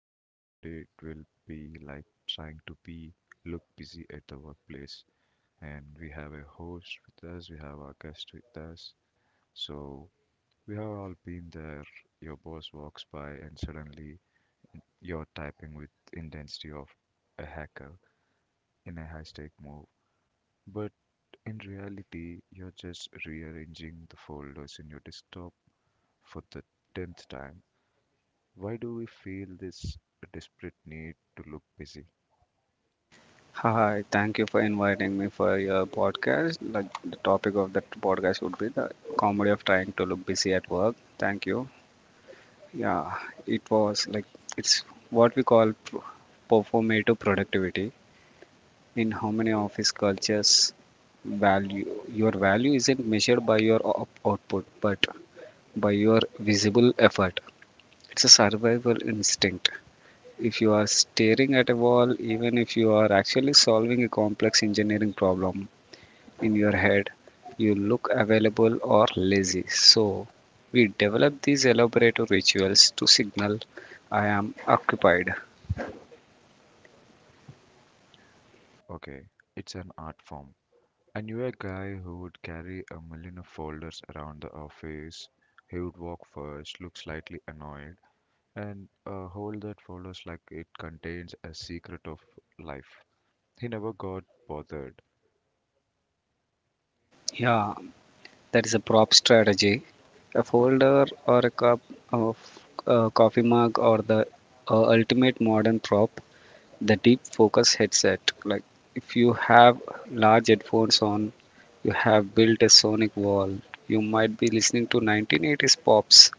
how comedy it will be like trying to be look busy at the workplace. And we have a host with us, we have our guest with us. So, we have all been there. Your boss walks by, and suddenly you're typing with intensity of a hacker in a high stake move. But in reality, you're just rearranging the folders in your desktop for the tenth time. Why do we feel this desperate need to look busy? Hi, thank you for inviting me for your podcast. Like the topic of that podcast would be the comedy of trying to look busy at work. Thank you. Yeah, it was like it's what we call performative productivity. In how many office cultures value your value isn't measured by your output but by your visible effort. It's a survival instinct. If you are staring at a wall, even if you are actually solving a complex engineering problem, in your head you look available or lazy. So, we develop these elaborate rituals to signal I am occupied. Okay, it's an art form. I knew a guy who would carry a million of folders around the office. He would walk first, look slightly annoyed, and hold that folders like it contains a secret of life. He never got bothered. Yeah, that is a prop strategy. A folder or a cup of a coffee mug or the ultimate modern prop, the deep focus headset. Like if you have large headphones on, you have built a sonic wall. You might be listening to 1980s pops,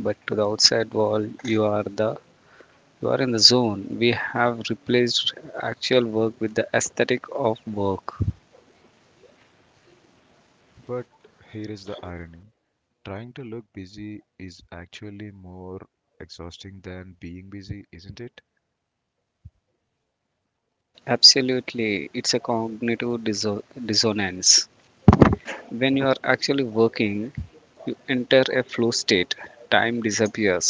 but to the outside world you are in the zone. We have replaced actual work with the aesthetic of work. But here is the irony. Trying to look busy is actually more exhausting than being busy, isn't it? Absolutely, it's a cognitive dissonance. When you are actually working, you enter a flow state. Time disappears.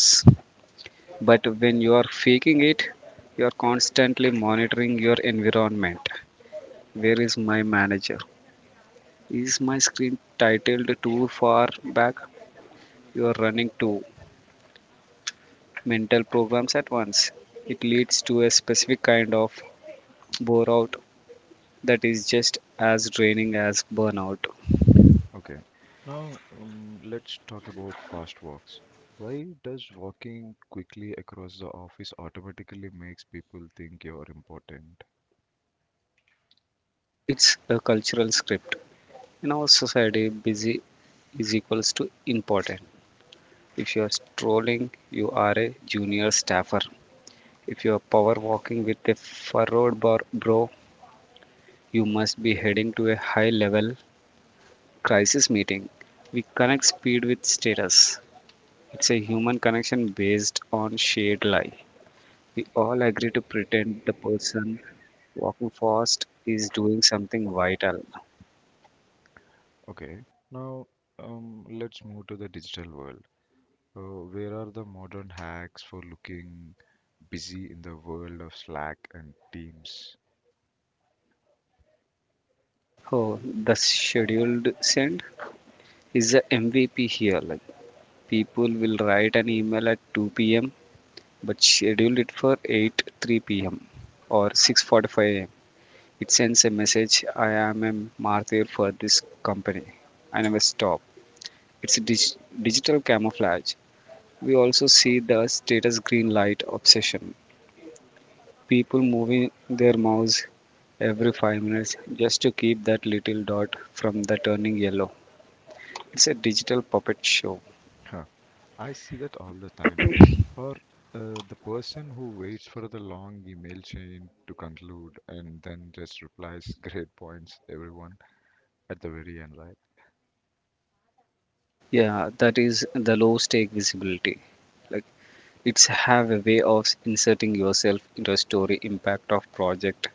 But when you are faking it, you are constantly monitoring your environment. Where is my manager? Is my screen titled too far back? You are running too mental programs at once. It leads to a specific kind of bore out that is just as draining as burnout. Okay, now, let's talk about fast walks. Why does walking quickly across the office automatically makes people think you're important? It's a cultural script. In our society, busy is equals to important. If you are strolling, you are a junior staffer. If you are power walking with a furrowed brow, you must be heading to a high level crisis meeting. We connect speed with status. It's a human connection based on shared life. We all agree to pretend the person walking fast is doing something vital. Okay, now, let's move to the digital world. Where are the modern hacks for looking busy in the world of Slack and Teams? Oh, the scheduled send is the MVP here. Like people will write an email at 2 p.m. but schedule it for 8 3 p.m. or 6:45 a.m. It sends a message: I am a martyr for this company. I never stop. It's a digital camouflage. We also see the status green light obsession. People moving their mouse every 5 minutes just to keep that little dot from the turning yellow. It's a digital puppet show. I see that all the time. Or the person who waits for the long email chain to conclude and then just replies great points, everyone, at the very end, right? Yeah, that is the low stake visibility. Like it's have a way of inserting yourself into a story impact of project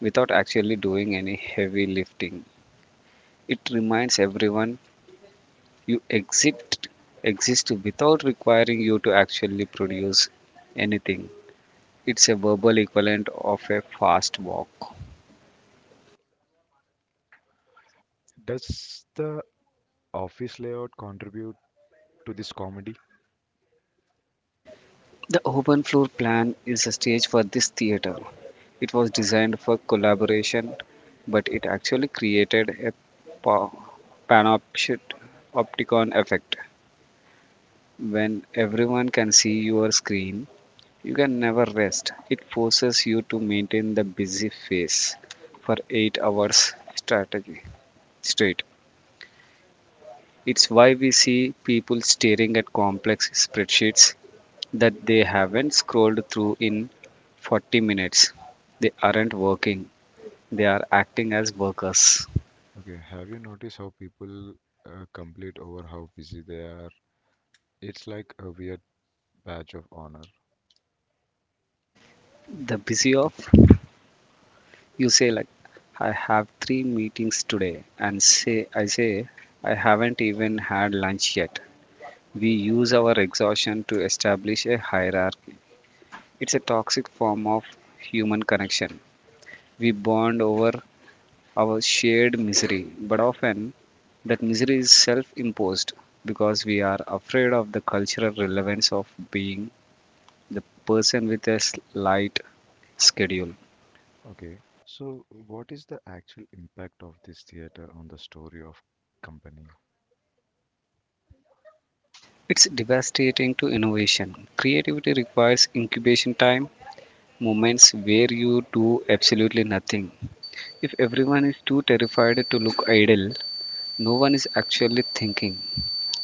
without actually doing any heavy lifting. It reminds everyone you exist without requiring you to actually produce anything. It's a verbal equivalent of a fast walk. Does the office layout contribute to this comedy? The open floor plan is a stage for this theater. It was designed for collaboration, but it actually created a pa- panoptic opticon effect. When everyone can see your screen, you can never rest. It forces you to maintain the busy face for 8 hours strategy straight. It's why we see people staring at complex spreadsheets that they haven't scrolled through in 40 minutes. They aren't working, they are acting as workers. Okay, have you noticed how people complete over how busy they are? It's like a weird badge of honor. The busy of you say, like, I have three meetings today, and say, I haven't even had lunch yet. We use our exhaustion to establish a hierarchy. It's a toxic form of human connection. We bond over our shared misery, but often that misery is self imposed because we are afraid of the cultural relevance of being the person with a slight schedule. Okay, so what is the actual impact of this theater on the story of company? It's devastating to innovation. Creativity requires incubation time, moments where you do absolutely nothing. If everyone is too terrified to look idle, no one is actually thinking.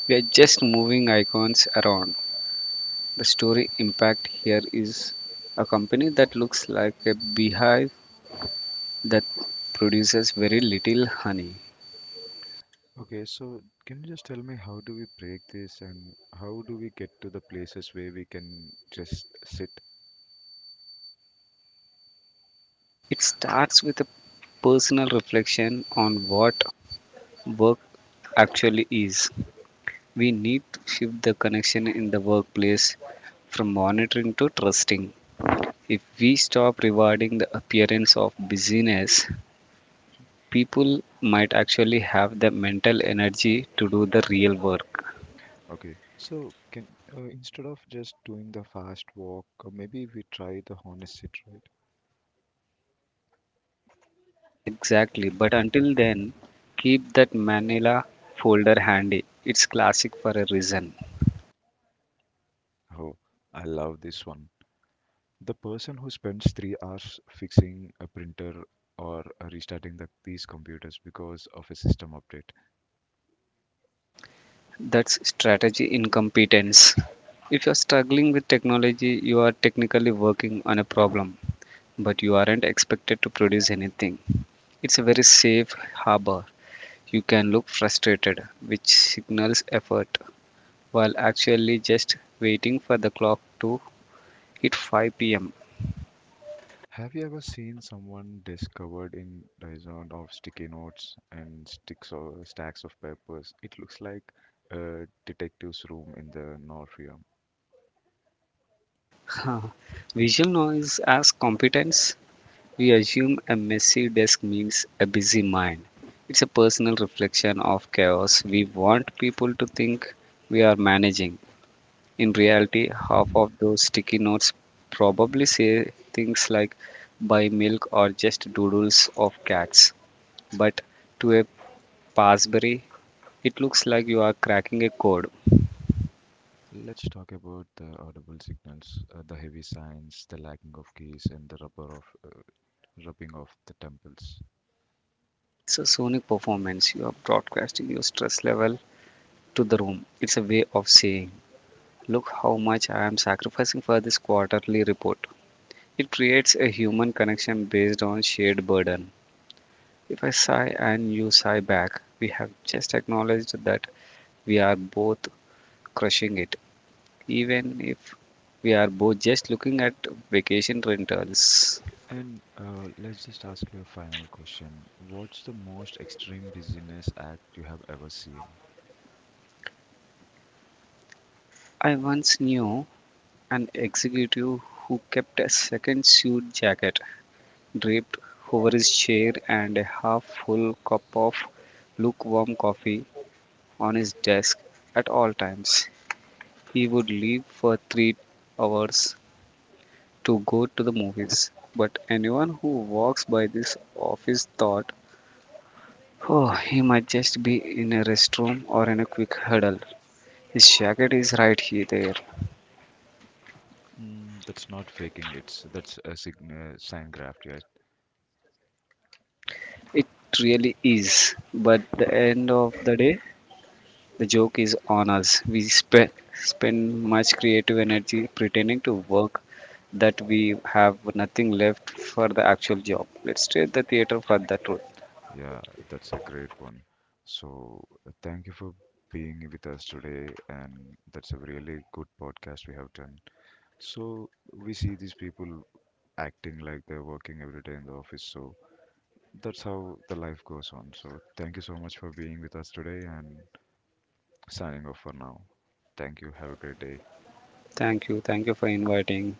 We are just moving icons around. The story impact here is a company that looks like a beehive that produces very little honey. Okay, so can you just tell me how do we break this and how do we get to the places where we can just sit? It starts with a personal reflection on what work actually is. We need to shift the connection in the workplace from monitoring to trusting. If we stop rewarding the appearance of busyness, people might actually have the mental energy to do the real work. Okay, so can, instead of just doing the fast walk, maybe we try the honest sit, right? Exactly, but until then, keep that manila folder handy. It's classic for a reason. Oh, I love this one. The person who spends 3 hours fixing a printer or restarting these computers because of a system update. That's strategy incompetence. If you're struggling with technology, you are technically working on a problem, but you aren't expected to produce anything. It's a very safe harbor. You can look frustrated, which signals effort, while actually just waiting for the clock to hit 5 pm. Have you ever seen someone discovered in dozens of sticky notes and sticks or stacks of papers? It looks like a detective's room in the Norfium. Visual noise as competence. We assume a messy desk means a busy mind. It's a personal reflection of chaos. We want people to think we are managing. In reality, half of those sticky notes probably say things like buy milk or just doodles of cats. But to a Pasbury, it looks like you are cracking a code. Let's talk about the audible signals, the heavy signs, the lacking of keys, and the rubber of rubbing of the temples. That's a sonic performance. You are broadcasting your stress level to the room. It's a way of saying, look how much I am sacrificing for this quarterly report. It creates a human connection based on shared burden. If I sigh and you sigh back, we have just acknowledged that we are both crushing it, even if we are both just looking at vacation rentals. And let's just ask you a final question: what's the most extreme dizziness act you have ever seen? I once knew an executive who kept a second suit jacket draped over his chair and a half full cup of lukewarm coffee on his desk at all times. He would leave for 3 hours to go to the movies. But anyone who walks by this office thought, oh, he might just be in a restroom or in a quick huddle. His jacket is right here there. Mm, that's not faking it. That's a sign, sign graft, yes. It really is. But the end of the day, the joke is on us. We spend much creative energy pretending to work that we have nothing left for the actual job. Let's trade the theater for the truth. Yeah, that's a great one. So, thank you for being with us today, and that's a really good podcast we have done. So, we see these people acting like they're working every day in the office, so that's how the life goes on. So, thank you so much for being with us today and signing off for now. Thank you. Have a great day. Thank you. Thank you for inviting.